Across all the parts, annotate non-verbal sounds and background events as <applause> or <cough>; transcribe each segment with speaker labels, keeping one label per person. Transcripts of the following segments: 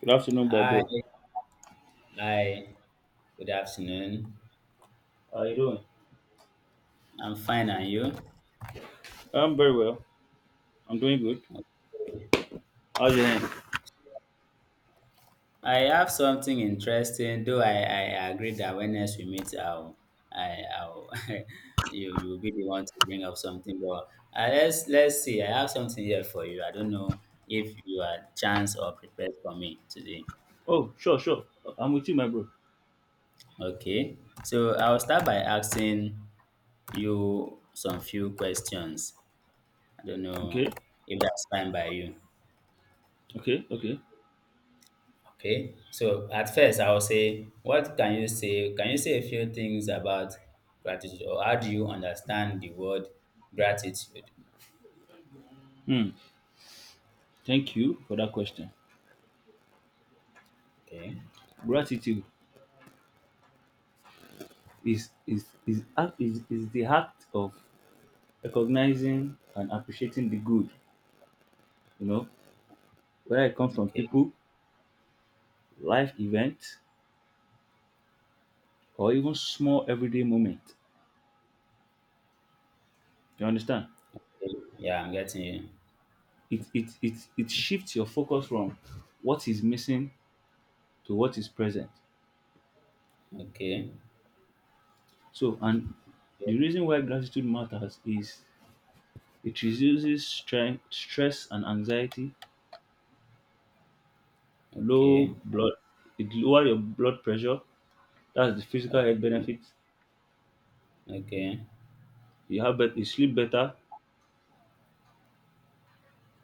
Speaker 1: Good afternoon, my
Speaker 2: Hi,
Speaker 1: bro.
Speaker 2: hi. Good afternoon.
Speaker 1: How are you doing?
Speaker 2: I'm fine, and you?
Speaker 1: I'm very well. I'm doing good.
Speaker 2: Okay.
Speaker 1: How's your hand?
Speaker 2: I have something interesting, though I agree that when next we meet, I'll, <laughs> you will be the one to bring up something. But let's see. I have something here for you. I don't know if you are chance or prepared for me today.
Speaker 1: Oh, sure, sure. I'm with you, my bro.
Speaker 2: Okay. So I'll start by asking you some few questions. I don't know
Speaker 1: Okay,
Speaker 2: if that's fine by you.
Speaker 1: okay, okay.
Speaker 2: Okay, so at first I'll say, what can you say? Can you say a few things about gratitude, or how do you understand the word gratitude?
Speaker 1: Hmm. Thank you for that question.
Speaker 2: Okay,
Speaker 1: Gratitude is the act of recognizing and appreciating the good, you know, whether it comes from
Speaker 2: okay,
Speaker 1: people, life events, or even small everyday moments. You understand?
Speaker 2: yeah, I'm getting you.
Speaker 1: It shifts your focus from what is missing to what is present.
Speaker 2: Okay,
Speaker 1: And the reason why gratitude matters is it reduces stress and anxiety, low
Speaker 2: okay,
Speaker 1: blood, it lower your blood pressure. That's the physical health
Speaker 2: okay,
Speaker 1: benefits.
Speaker 2: okay,
Speaker 1: You have you sleep better.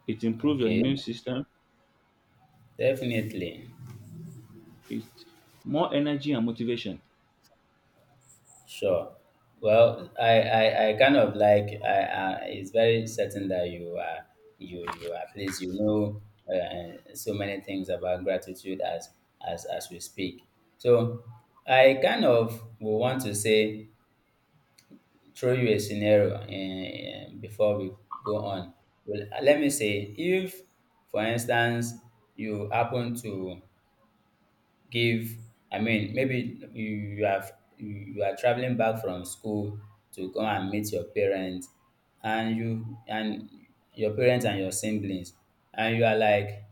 Speaker 1: It improves your
Speaker 2: okay,
Speaker 1: immune system.
Speaker 2: definitely.
Speaker 1: It's more energy and motivation.
Speaker 2: Sure. Well, I kind of like I it's very certain that you are you at least you know so many things about gratitude as as we speak. So I kind of will want to say throw you a scenario before we go on. Well, let me say if, for instance, you happen to give I mean maybe you you have you you are traveling back from school to come and meet your parents and your parents and your siblings and you are like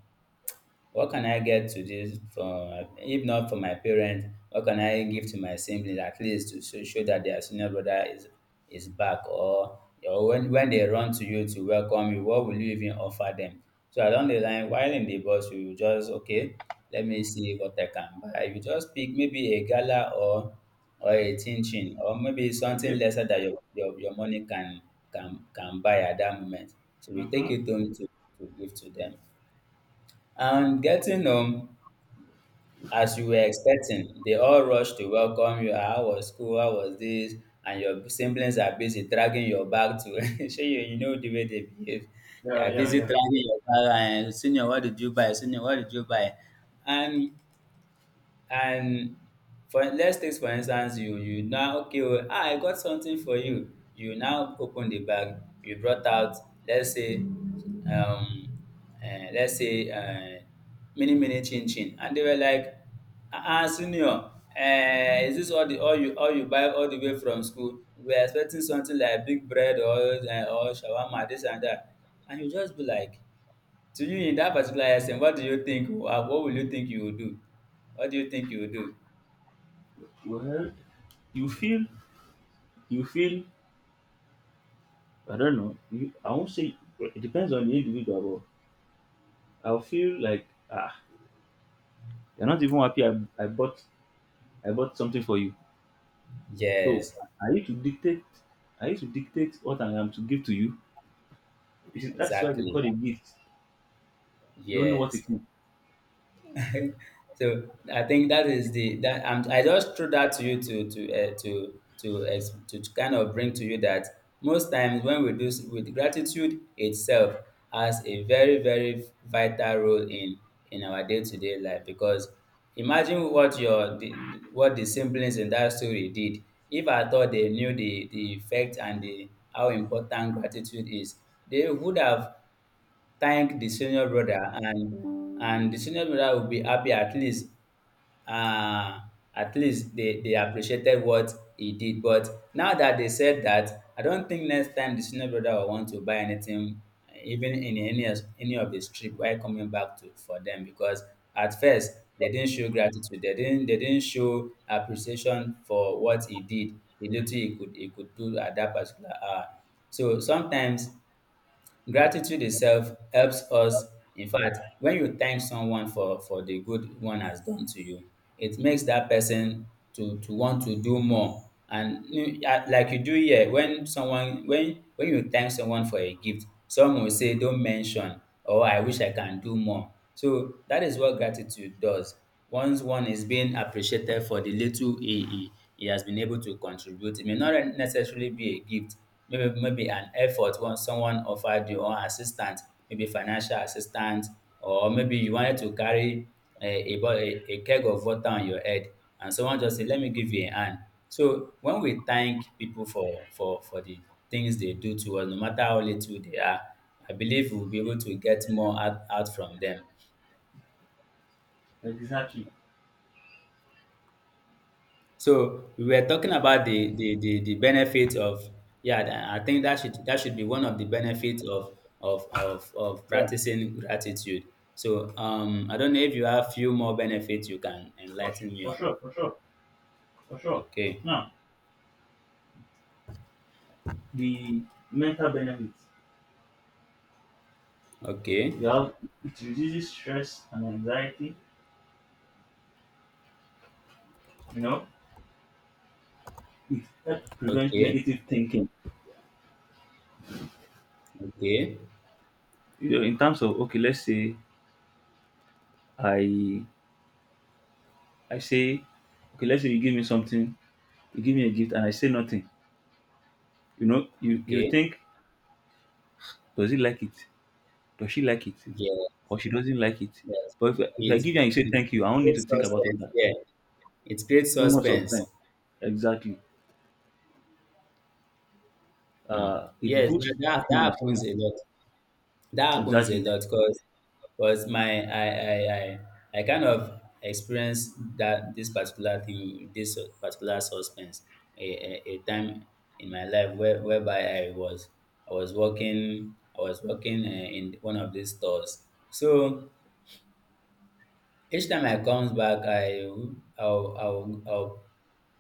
Speaker 2: what can I get to this for if not for my parents? What can I give to my siblings at least to show that their senior brother is back? Or when they run to you to welcome you, what will you even offer them? So along the line, while in the bus, you will just okay. Let me see what I can buy. You just pick maybe a gala or a chin chin or maybe something
Speaker 1: Okay.
Speaker 2: lesser that your money can can buy at that moment. So you take
Speaker 1: Mm-hmm.
Speaker 2: it home to give to them. And getting home, as you were expecting. They all rush to welcome you. "Ah, how was school? How was this? And your siblings are busy dragging your bag to <laughs> show you, you know the way they behave. They
Speaker 1: Yeah,
Speaker 2: are
Speaker 1: yeah,
Speaker 2: busy
Speaker 1: yeah.
Speaker 2: dragging your bag and senior, what did you buy? Senior, what did you buy? And and for let's take for instance, you now okay, oh, ah, I got something for you. You now open the bag. You brought out, let's say, let's say, mini chin chin, and they were like, ah, ah, senior, is this all you buy all the way from school? We are expecting something like big bread or or shawarma, this and that, and you just be like. To you in that particular instance, what do you think? What will you think you will do? What do you think you will do?
Speaker 1: Well, you feel, you feel. I don't know. I won't say. It depends on the individual. But I'll feel like ah, you're not even happy. I bought, I bought something for you. So
Speaker 2: Yes,
Speaker 1: I need to dictate I need to dictate what I am to give to you. It is that's why they call
Speaker 2: exactly.
Speaker 1: it gift. You don't know what it
Speaker 2: Yes.
Speaker 1: is.
Speaker 2: <laughs> So I think that is the that I just threw that to you to to ex- to kind of bring to you that most times when we do s- with gratitude itself has a very very vital role in our day to day life because imagine what the siblings in that story did if at all they knew the effect and the how important gratitude is they would have thank the senior brother and the senior brother will be happy uh at least they appreciated what he did but now that they said that I don't think next time the senior brother will want to buy anything even in any of his trip while coming back to for them because at first they didn't show gratitude they didn't show appreciation for what he did the little he could do at that particular hour so sometimes gratitude itself helps us. In fact, when you thank someone for the good one has done to you, it makes that person to want to do more. And you- ah, like you do here, when someone when you thank someone for a gift, some will say, "Don't mention," or "I wish I can do more." So that is what gratitude does. Once one is being appreciated for the little he has been able to contribute, it may not necessarily be a gift, maybe an effort when someone offered you or assistance, maybe financial assistance, or maybe you wanted to carry a, a keg of water on your head and someone just said, let me give you a hand. So when we thank people for the things they do to us, no matter how little they are, I believe we'll be able to get more out, out from them.
Speaker 1: Exactly.
Speaker 2: So we were talking about the benefits of yeah. Th- I think that should be one of the benefits of of
Speaker 1: Yeah.
Speaker 2: practicing gratitude. So I don't know if you have few more benefits you can
Speaker 1: For, su-
Speaker 2: enlighten me
Speaker 1: for
Speaker 2: on.
Speaker 1: sure. For sure. For sure.
Speaker 2: Okay,
Speaker 1: Now the mental benefits.
Speaker 2: okay,
Speaker 1: You have it reduces stress and anxiety. You know, it helps prevent
Speaker 2: okay,
Speaker 1: negative thinking.
Speaker 2: okay,
Speaker 1: You know, in terms of okay, let's say I I say okay, let's say you give me something, you give me a gift and I say nothing. You know, you
Speaker 2: okay.
Speaker 1: think, does he like it? Does she like it
Speaker 2: Yeah,
Speaker 1: or she doesn't like it?
Speaker 2: yes.
Speaker 1: But if I
Speaker 2: It
Speaker 1: give you and you say
Speaker 2: it
Speaker 1: thank you, I don't need
Speaker 2: creates
Speaker 1: to think about all
Speaker 2: suspense.
Speaker 1: that.
Speaker 2: Yeah, it creates
Speaker 1: No more suffering.
Speaker 2: suspense.
Speaker 1: Exactly. It
Speaker 2: Yes,
Speaker 1: boosts
Speaker 2: that
Speaker 1: happiness too.
Speaker 2: happens a lot. That happens a
Speaker 1: Exactly.
Speaker 2: lot because my I kind of experienced that this particular thing with this particular suspense a, a time in my life where, whereby I was working in one of these stores so each time I comes back I'll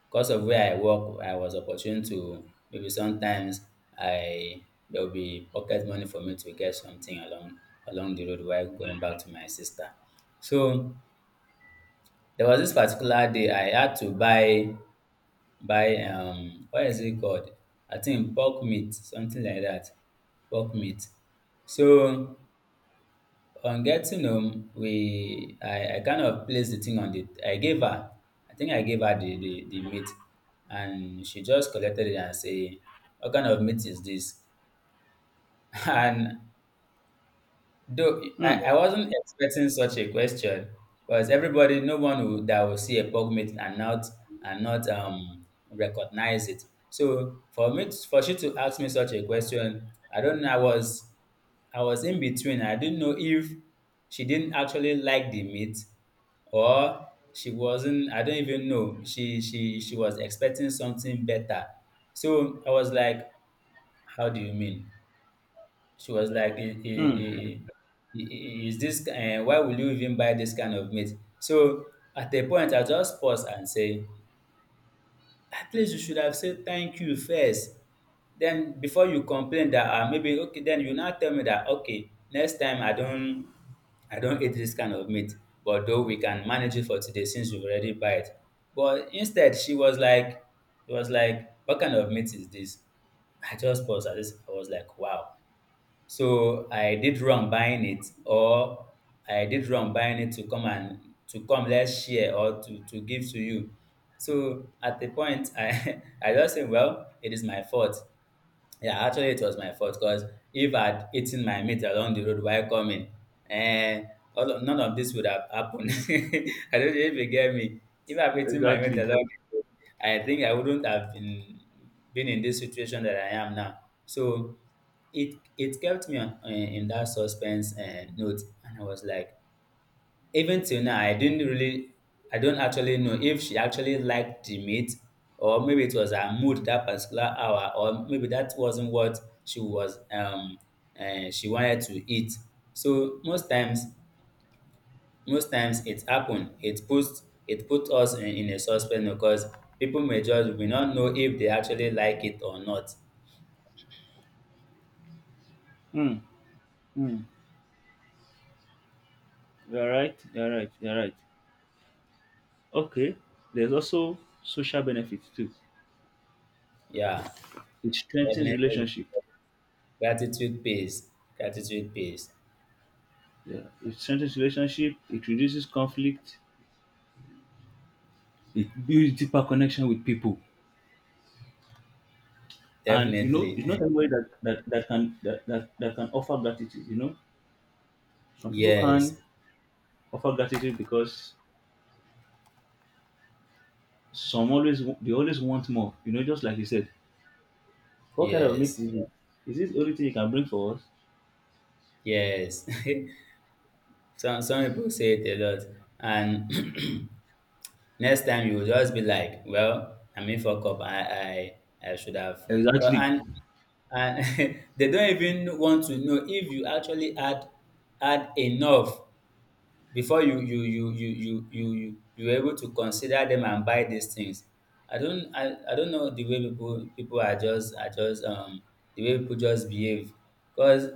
Speaker 2: because of where I work, I was opportune to maybe sometimes I there will be pocket money for me to get something along the road while going back to my sister. So there was this particular day I had to buy what is it called? I think pork meat, something like that. Pork meat. So on getting home, we I kind of placed the thing on the I gave her. I think I gave her the meat and she just collected it and say, what kind of meat is this? <laughs> And though
Speaker 1: Mm,
Speaker 2: I wasn't expecting such a question because everybody, no one will, that will see a POG meeting and not recognize it. So for me, to- for she to ask me such a question, I don't know. I was in between. I didn't know if she didn't actually like the meat or she wasn't. I don't even know. She was expecting something better. So I was like, how do you mean? She was like,
Speaker 1: mm,
Speaker 2: I- is this, why will you even buy this kind of meat? So at a point, I just pause and say, at least you should have said thank you first. Then before you complain that maybe, okay, then you now tell me that, okay, next time I don't. I don't eat this kind of meat, but though we can manage it for today since you've already buy it. But instead, she was like, "It was like, what kind of meat is this? I just paused at this. I was like, wow. So I did wrong buying it or I did wrong buying it to come and to come let's share or to give to you. So at the point I <laughs> I just say, well, it is my fault. Yeah, actually, it was my fault because if I'd eaten my meat along the road while coming, eh, all of, none of this would have happened. <laughs> I don't know if you get me. If I've eaten my meat
Speaker 1: exactly.
Speaker 2: along the road, I think I wouldn't have been in this situation that I am now. So it kept me on, in that suspense and note, and I was like, even till now, I didn't really, I don't actually know if she actually liked the meat or maybe it was her mood that particular hour or maybe that wasn't what she was, she wanted to eat. So most times it happened. It puts, it put us in a suspense because people may just will not know if they actually like it or not.
Speaker 1: Mm, mm. You're right. You're right. You're right. Okay. There's also social benefits too.
Speaker 2: Yeah,
Speaker 1: It strengthens
Speaker 2: definitely.
Speaker 1: relationship.
Speaker 2: Gratitude pays. Gratitude pays.
Speaker 1: Yeah. It strengthens relationship. It reduces conflict. It builds deeper connection with people. And you know,
Speaker 2: Definitely.
Speaker 1: it's not
Speaker 2: <laughs>
Speaker 1: everybody that can offer gratitude. You know, some people can
Speaker 2: Yes,
Speaker 1: offer gratitude because some always they always want more. You know, just like you said, what kind of meat
Speaker 2: yes.
Speaker 1: is it? Is this the only thing you can bring for us?
Speaker 2: Yes, <laughs> some people say it a lot, and <clears throat> next time you will just be like, well, I mean, fuck up. I should have. 'Cause-
Speaker 1: Exactly.
Speaker 2: And <laughs> they don't even want to know if you actually add enough before you were able to consider them and buy these things. I don't know the way people are just the way people just behave. Cause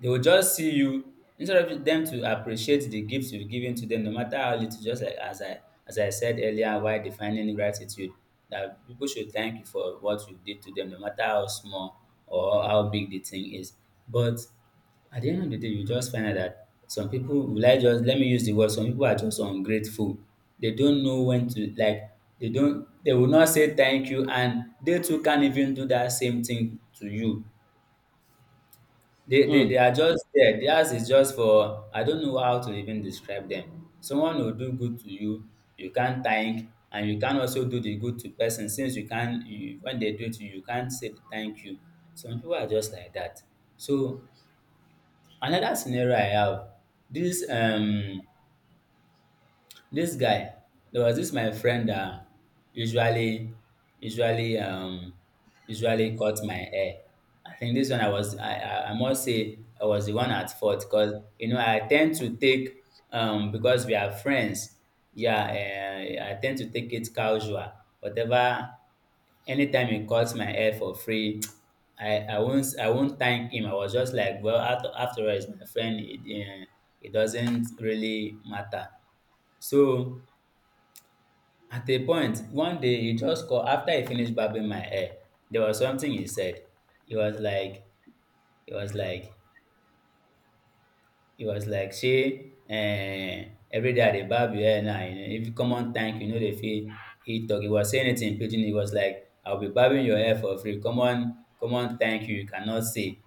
Speaker 2: they will just see you instead of them to appreciate the gifts you've given to them, no matter how little. Just like as I said earlier, while defining gratitude, that people should thank you for what you did to them, no matter how small or how big the thing is. But at the end of the day, you just find out that some people will I just let me use the word, some people are just ungrateful. They don't know when to, like, they will not say thank you, and they too can't even do that same thing to you. They they
Speaker 1: Hmm.
Speaker 2: they are just there. Theirs is just for, I don't know how to even describe them. Someone will do good to you, you can't thank, and you can also do the good to person since you can't you, when they do it to you, you can't say thank you. Some people are just like that. So another scenario I have, this um this guy, there was this my friend that usually, usually, um, usually cut my hair. I think this one, I must say, I was the one at fault because you know I tend to take, because we are friends. Yeah, I tend to take it casual. Whatever, anytime he cuts my hair for free, <tsk> I won't thank him. I was just like, well, after all, he's my friend. It doesn't really matter. So at a point, one day he just called after he finished barbing my hair. There was something he said. He was like, he was like, he was like, shey every day I dey barb your hair now, you know, if common thank you no dey fit fit talk. He was saying it in pidgin. He was like, I will be barbing your hair for free. Common common thank you you cannot say.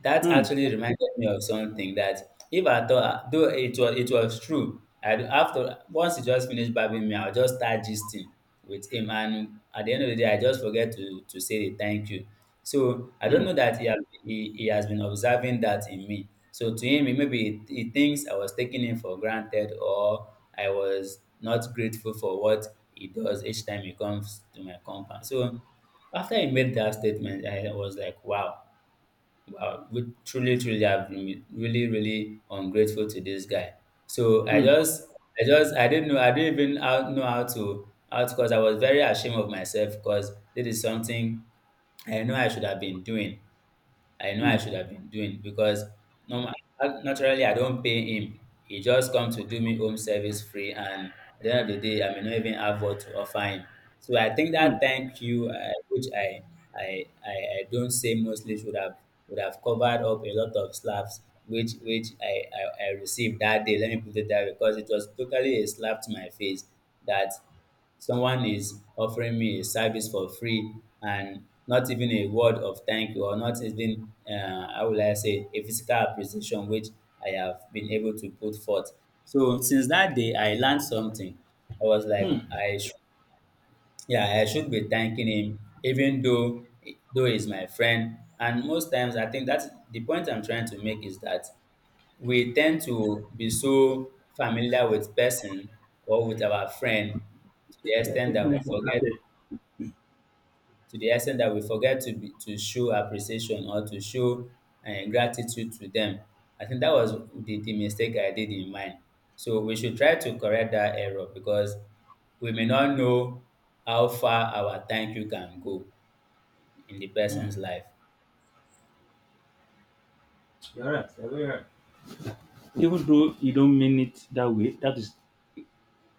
Speaker 2: That
Speaker 1: Hmm.
Speaker 2: actually reminded me of something that if I thought, though it was true, I after once he just finished barbing me, I'll just start gisting with him, and at the end of the day, I just forget to say the thank you. So I don't
Speaker 1: Hmm.
Speaker 2: know that he has been observing that in me. So to him, maybe he thinks I was taking him for granted, or I was not grateful for what he does each time he comes to my compound. So after he made that statement, I was like, wow. Wow, truly, truly, I've been really, really ungrateful to this guy. So I
Speaker 1: Hmm.
Speaker 2: just, I just, I didn't know, I didn't even how- know how to, because I was very ashamed of myself, because this is something I know I should have been doing. I know I
Speaker 1: Hmm.
Speaker 2: should have been doing because normal, naturally I don't pay him. He just come to do me home service free, and at the end of the day, I may not even have what to offer him. So I think
Speaker 1: Hmm.
Speaker 2: that thank you, which I don't say mostly should have would have covered up a lot of slaps which I received that day. Let me put it that way, because it was totally a slap to my face that someone is offering me a service for free and not even a word of thank you, or not even how will I say, a physical appreciation which I have been able to put forth. So since that day I learned something. I was like, I should, yeah, I should be thanking him, even though he's my friend. And most times, I think that's the point I'm trying to make, is that we tend to be so familiar with person or with our friend to the
Speaker 1: They are
Speaker 2: extent
Speaker 1: taking
Speaker 2: that we
Speaker 1: them for
Speaker 2: forget
Speaker 1: granted.
Speaker 2: to the extent that we forget to be, to show appreciation, or to show gratitude to them. I think that was the mistake I did in mine. So we should try to correct that error, because we may not know how far our thank you can go in the person's
Speaker 1: Hmm.
Speaker 2: life.
Speaker 1: You're right. You're very right. Even though you don't mean it that way, that is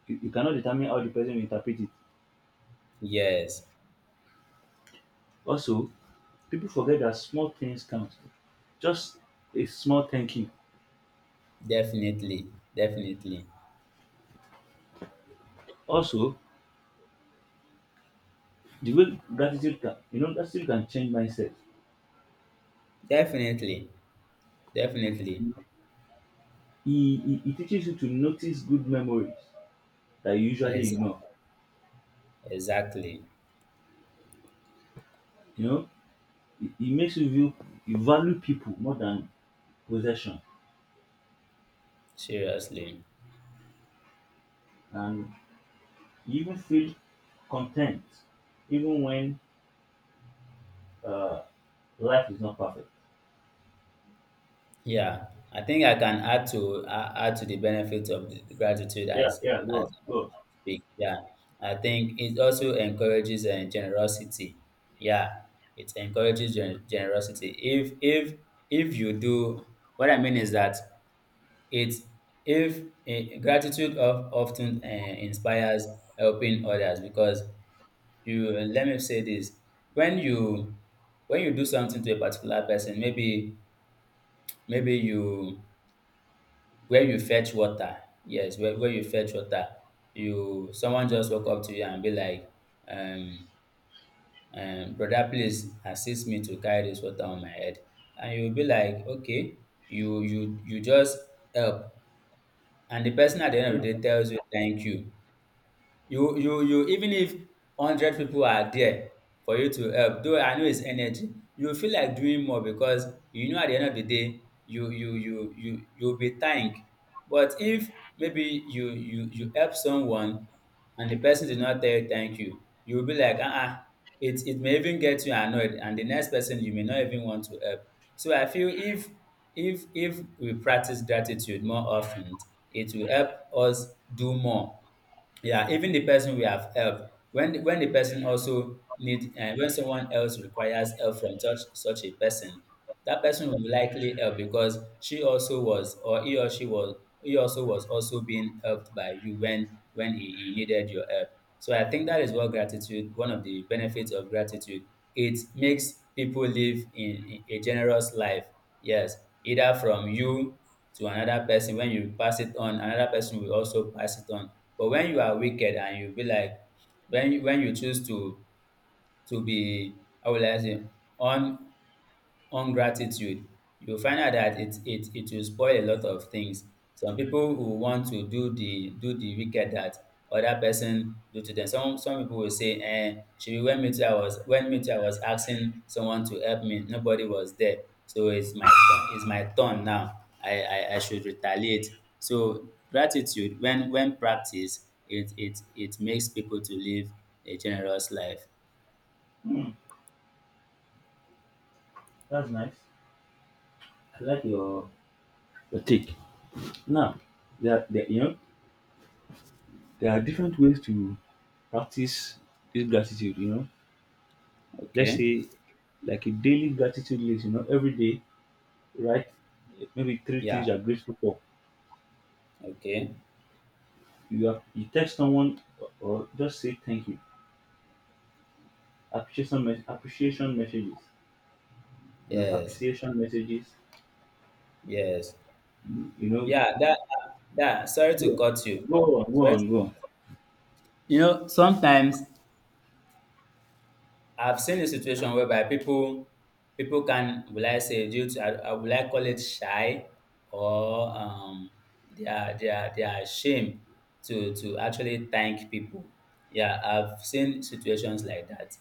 Speaker 1: you, you cannot determine how the person will interpret it.
Speaker 2: Yes,
Speaker 1: Also, people forget that small things count. Just a small thank you.
Speaker 2: definitely, definitely,
Speaker 1: Also, the way gratitude can you know gratitude can change mindset.
Speaker 2: definitely, definitely.
Speaker 1: He teaches you to notice good memories that you usually ignore.
Speaker 2: Exactly. Exactly.
Speaker 1: You know, it makes you view you value people more than possession,
Speaker 2: Seriously.
Speaker 1: and you even feel content even when uh, life is not perfect.
Speaker 2: Yeah. I think I can add to the benefits of the gratitude
Speaker 1: Yeah,
Speaker 2: as
Speaker 1: yeah, go
Speaker 2: as
Speaker 1: on,
Speaker 2: I
Speaker 1: go on.
Speaker 2: speak. Yeah. I think it also encourages generosity. Yeah. It encourages generosity. If you do what I mean is that, it if eh, gratitude often inspires helping others, because you let me say this. When you, when you do something to a particular person, maybe maybe you where you fetch water, yes, where you fetch water, you someone just walk up to you and be like, um brother, please assist me to carry this water on my head, and you be like, okay, you just help, and the person at the end of
Speaker 1: Yeah,
Speaker 2: the day tells you thank you. Even if 100 people are there for you to help, though I know it's energy, you feel like doing more, because you know at the end of the day you'll be thanked. But if maybe you you help someone, and the person did not tell you thank you, you'll be like, uh-uh, it may even get you annoyed, and the next person you may not even want to help. So I feel, if we practice gratitude more often, it will help us do more. Yeah, even the person we have helped, when the person also need when someone else requires help from such a person, that person will likely help, because she also was or he or she was he also was also being helped by you when he needed your help. So I think that is what gratitude one of the benefits of gratitude, it makes people live in a generous life. Yes, either from you to another person. When you pass it on, another person will also pass it on. But when you are wicked, and you be like, when you choose to be, how will I say, un on gratitude, you'll find out that it will spoil a lot of things. Some people will want to do the wicked that other person do to them. Some people will say, eh, should be when me too, I was asking someone to help me, nobody was there. So it's my turn now. I should retaliate. So gratitude, when practiced, it makes people to live a generous life.
Speaker 1: that's nice. I like your take. Now, you know, there are different ways to practice this gratitude. You know, let's
Speaker 2: Okay?
Speaker 1: say like a daily gratitude list. You know, every day, right, maybe three
Speaker 2: Yeah.
Speaker 1: things you're grateful for.
Speaker 2: Okay.
Speaker 1: You have, you text someone or just say thank you. Appreciation messages. You know,
Speaker 2: Yes.
Speaker 1: appreciation messages.
Speaker 2: Yes.
Speaker 1: You know,
Speaker 2: Yeah, that that sorry to cut you.
Speaker 1: go on, go
Speaker 2: Sorry.
Speaker 1: on, go on.
Speaker 2: You know, sometimes I've seen a situation whereby people can will I say due to, I call it, shy, or they are ashamed to actually thank people. Yeah, I've seen situations like that.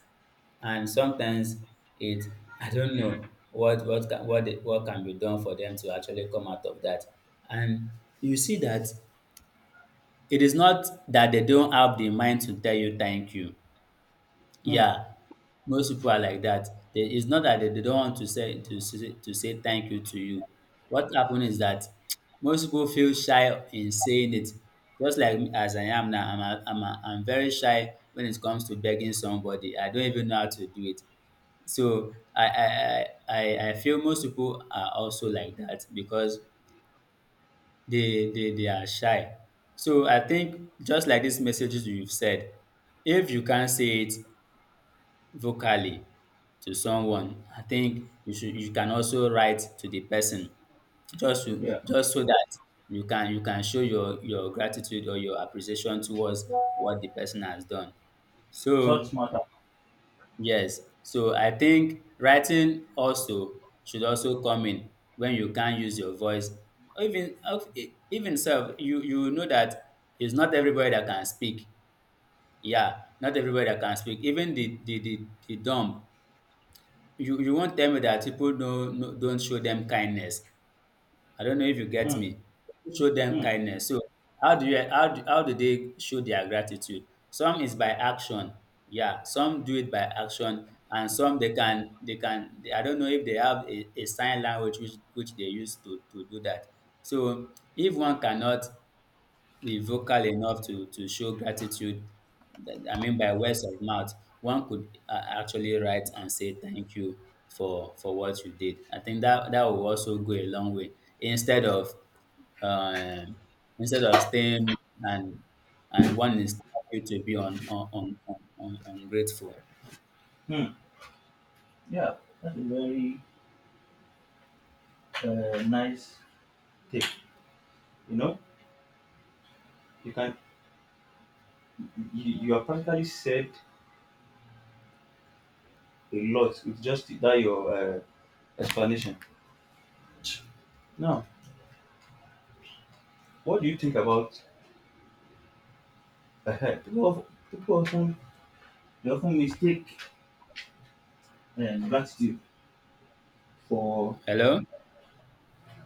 Speaker 2: And sometimes it <laughs> I don't know what can be done for them to actually come out of that, and you see that it is not that they don't have the mind to tell you thank you.
Speaker 1: Mm,
Speaker 2: Yeah, most people are like that. It's not that they don't want to say, to say thank you to you. What happened is that <tsk> most people feel shy in saying it. Just like me, as I am now, I'm very shy when it comes to begging somebody. I don't even know how to do it. So I feel most people are also like that, because they are shy. So I think, just like these messages you've said, if you can't say it vocally to someone, I think you can also write to the person, just
Speaker 1: yeah,
Speaker 2: just so that you can show your gratitude or your appreciation towards what the person has done.
Speaker 1: thoughts
Speaker 2: So
Speaker 1: matter.
Speaker 2: yes. So I think writing also should also come in, when you can't use your voice. Even, okay, even self, you know that it's not everybody that can speak. Yeah, not everybody that can speak. Even the dumb. You won't tell me that people don't, don't show them kindness. I don't know if you get
Speaker 1: Mm,
Speaker 2: me. Show them
Speaker 1: mm,
Speaker 2: kindness. So how do you how do they show their gratitude? Some is by action. Yeah, some do it by action, and some they can. I don't know if they have a sign language which they use to do that. So if one cannot be vocal enough to show gratitude. I mean, by words of mouth, one could actually write and say thank you for what you did. I think that will also go a long way instead of uh, instead of staying and and one is happy to be on ungrateful.
Speaker 1: mm. Yeah, that's a very nice take. You know, you can you have practically said a lot with just that your explanation. Now, what do you think about ahead? People often they often mistake gratitude for.
Speaker 2: Hello.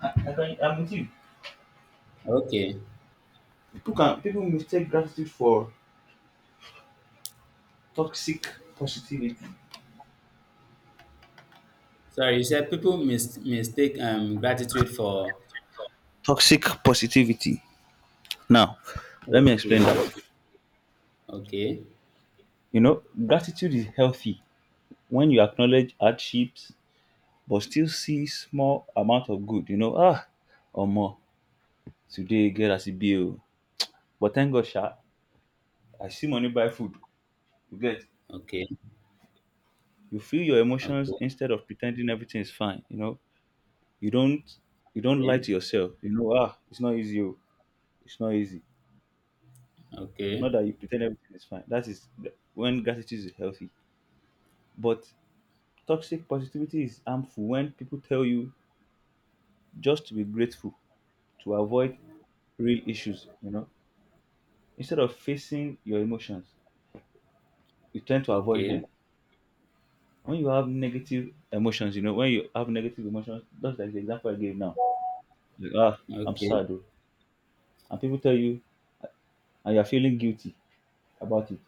Speaker 1: I can, I'm with you.
Speaker 2: Okay.
Speaker 1: People mistake gratitude for toxic positivity.
Speaker 2: Sorry, you said people mistake gratitude for.
Speaker 1: Toxic positivity. Now, let me explain
Speaker 2: Okay,
Speaker 1: that.
Speaker 2: okay,
Speaker 1: You know, gratitude is healthy when you acknowledge hardships but still see small amount of good. You know, ah, or more today get as it be. Oh. But thank God, sha, I see money buy food. You get.
Speaker 2: okay,
Speaker 1: You feel your emotions
Speaker 2: okay,
Speaker 1: instead of pretending everything is fine. You know, You don't you don't lie
Speaker 2: okay.
Speaker 1: to yourself. You know, ah, it's not easy. Oh, it's not easy. Not
Speaker 2: Okay,
Speaker 1: that you pretend everything is fine. That is when gratitude is healthy. But toxic positivity is harmful when people tell you just to be grateful to avoid real issues, you know. Instead of facing your emotions, you tend to avoid
Speaker 2: okay,
Speaker 1: them. When you have negative emotions, you know, when you have negative emotions, just like the example I gave now, like, ah, I'm
Speaker 2: okay.
Speaker 1: sad, oh, and people tell you, and you're feeling guilty about it,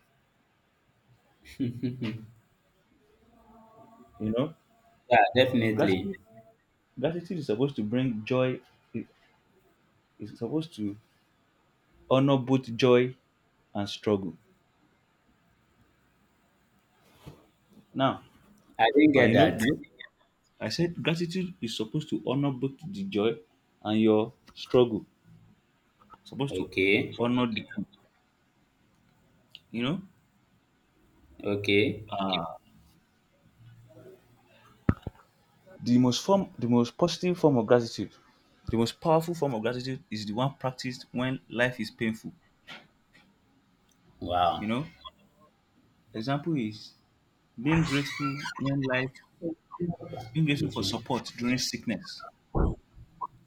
Speaker 1: you know.
Speaker 2: Yeah, definitely.
Speaker 1: Gratitude Gratitude is supposed to bring joy, it- it's supposed to honor both joy and struggle. Now,
Speaker 2: I didn't
Speaker 1: and
Speaker 2: get
Speaker 1: you know,
Speaker 2: that.
Speaker 1: I said gratitude is supposed to honor both the joy and your struggle. It's supposed to
Speaker 2: Okay,
Speaker 1: honor the two, you know.
Speaker 2: okay.
Speaker 1: The most positive form of gratitude, the most powerful form of gratitude is the one practiced when life is painful. You
Speaker 2: Wow.
Speaker 1: know, example is being grateful when life being
Speaker 2: I
Speaker 1: grateful
Speaker 2: get
Speaker 1: for
Speaker 2: you.
Speaker 1: support during sickness.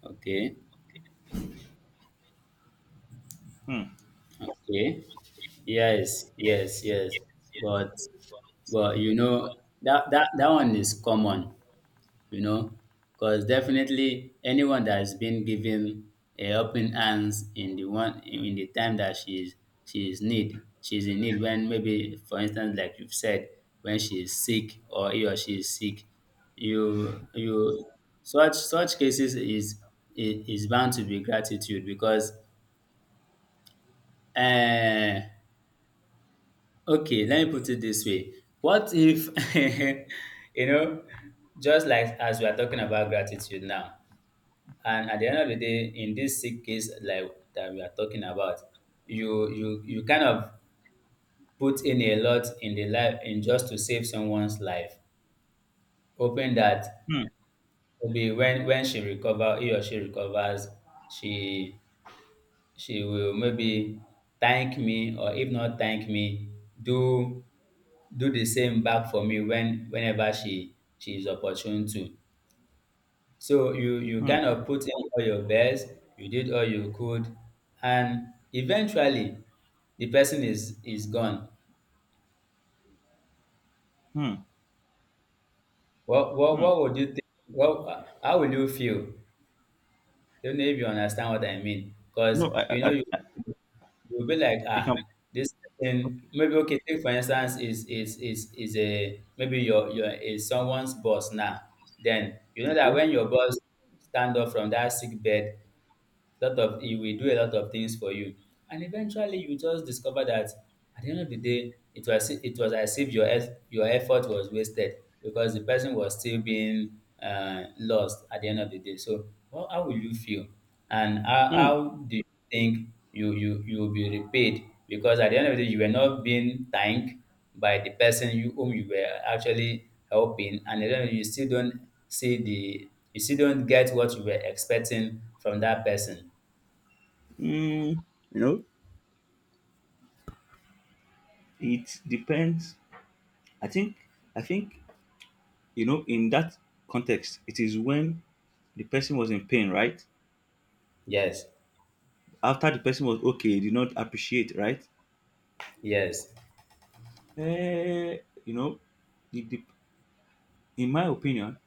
Speaker 2: Okay,
Speaker 1: Hmm.
Speaker 2: okay. Yes, yes, yes. But, but you know that that one is common, you know, because definitely anyone that's been given a helping hands in the one in the time that she's need she's in need, when maybe for instance like you've said, when she is sick or he or she is sick, you such cases is bound to be gratitude because uh okay, let me put it this way. What if <laughs> you know, just like as we are talking about gratitude now. And at the end of the day, in this sick case like that we are talking about, you kind of put in a lot in the life in just to save someone's life, hoping that
Speaker 1: Hmm.
Speaker 2: maybe when he or she recovers, she she will maybe thank me, or if not thank me, do do the same back for me when whenever she is opportune to. So you
Speaker 1: Hmm.
Speaker 2: kind of put in all your best, you did all you could, and eventually the person is gone.
Speaker 1: Hmm.
Speaker 2: What what
Speaker 1: Hmm.
Speaker 2: what would you think? What how will you feel? Don't know if you understand what I mean, because
Speaker 1: No,
Speaker 2: you know you
Speaker 1: I
Speaker 2: you'll be like,
Speaker 1: you can.
Speaker 2: ah, this person,
Speaker 1: Okay.
Speaker 2: maybe, okay, take for instance, is a maybe your is someone's boss now. Then you know that
Speaker 1: Okay.
Speaker 2: when your boss stand up from that sick bed, lot of he will do a lot of things for you, and eventually you just discover that at the end of the day, it was as if your your effort was wasted, because the person was still being lost at the end of the day. So how will you feel, and
Speaker 1: Mm.
Speaker 2: how do you think you will be repaid? Because at the end of the day, you were not being thanked by the person you whom you were actually helping, and then you still don't see the you still don't get what you were expecting from that person.
Speaker 1: Mm, you know, it depends. I think, I think, you know, in that context, it is when the person was in pain, right?
Speaker 2: Yes,
Speaker 1: After the person was okay, did not appreciate, right?
Speaker 2: yes.
Speaker 1: Eh, you know, the, the, in my opinion,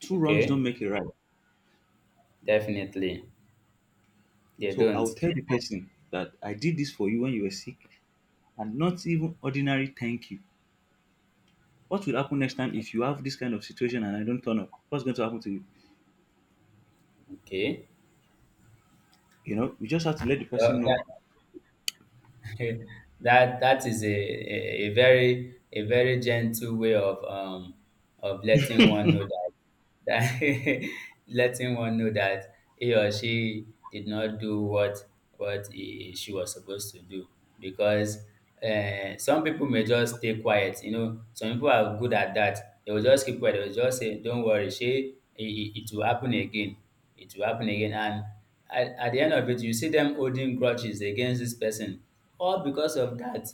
Speaker 1: two wrongs don't
Speaker 2: Okay,
Speaker 1: make a right.
Speaker 2: definitely. They
Speaker 1: So
Speaker 2: don't.
Speaker 1: I'll tell the person that I did this for you when you were sick, and not even ordinary thank you. What will happen next time if you have this kind of situation and I don't turn up? What's going to happen to you?
Speaker 2: Okay.
Speaker 1: You know, you just have to let the person know.
Speaker 2: Well, that, <laughs> that that is a very gentle way of letting one know that that <laughs> letting one know that he or she did not do what he, she was supposed to do, because some people may just stay quiet. You know, some people are good at that. They will just keep quiet, they will just say, don't worry, she it, it it will happen again, it will happen again. And at the end of it, you see them holding grudges against this person, all because of that,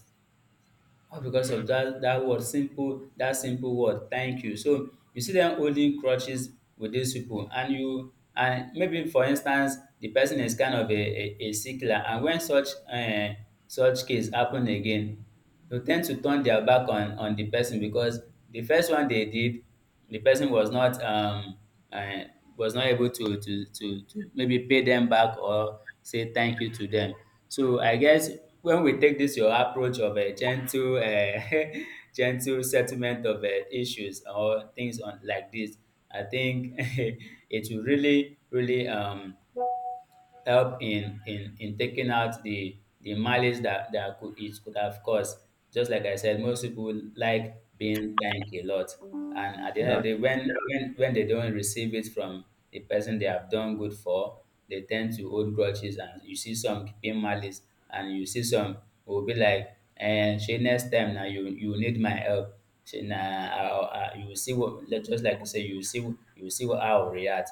Speaker 2: all because of that, that word simple, that simple word, thank you. So you see them holding crutches with these people, and you, and maybe for instance the person is kind of a sickler, and when such such case happen again, they tend to turn their back on the person, because the first one they did, the person uh, was not able to, to maybe pay them back or say thank you to them. So I guess when we take this your approach of a gentle, <laughs> gentle settlement of issues or things on like this, I think <laughs> it will really really help in taking out the malice that that could it could have caused. Just like I said, most people like being thanked a lot, and at the end
Speaker 1: Yeah,
Speaker 2: of the day, when when they don't receive it from the person they have done good for, they tend to hold grudges, and you see some keeping malice, and you see some will be like, "And she next time now you need my help." She na I, you will see what just like you say, you will see, you will see how I will react.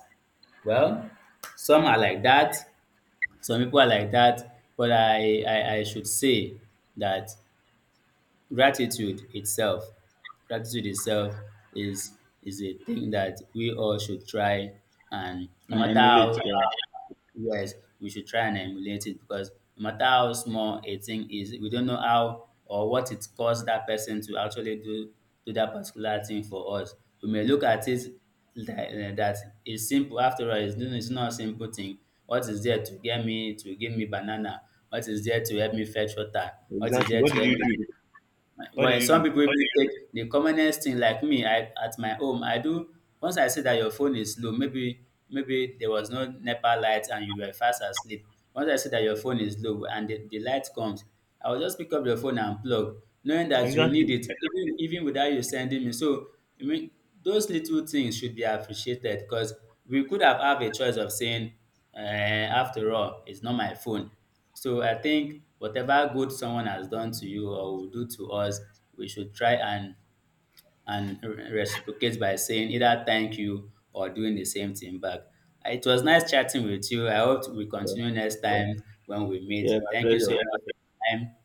Speaker 2: Well, some are like that, some people are like that, but I should say that gratitude itself, gratitude itself is is a thing that we all should try, and no
Speaker 1: and
Speaker 2: matter
Speaker 1: emulate.
Speaker 2: how.
Speaker 1: Yeah,
Speaker 2: Yes, we should try and emulate it, because no matter how small a thing is, we don't know how or what it caused that person to actually do that particular thing for us. We may look at it that, eh, that it's simple after all. It's, it's not a simple thing. What is there to get me to give me banana? What is there to help me fetch water? What is
Speaker 1: exactly.
Speaker 2: there
Speaker 1: What
Speaker 2: to
Speaker 1: did
Speaker 2: help
Speaker 1: you do?
Speaker 2: me?
Speaker 1: What did
Speaker 2: Well, some
Speaker 1: you do?
Speaker 2: people What even take the commonest thing like me. I at my home, I do. Once I see that your phone is low, maybe maybe there was no NEPA light and you were fast asleep. Once I see that your phone is low and the light comes, I will just pick up your phone and plug, knowing that you need
Speaker 1: Exactly.
Speaker 2: it, even even without you sending me. So I mean, those little things should be appreciated because we could have a choice of saying, after all, it's not my phone. So I think whatever good someone has done to you or will do to us, we should try and reciprocate by saying either thank you or doing the same thing back. It was nice chatting with you. I hope we
Speaker 1: Yeah,
Speaker 2: continue next time when we meet.
Speaker 1: yeah, my
Speaker 2: Thank you so
Speaker 1: pleasure.
Speaker 2: much for your time.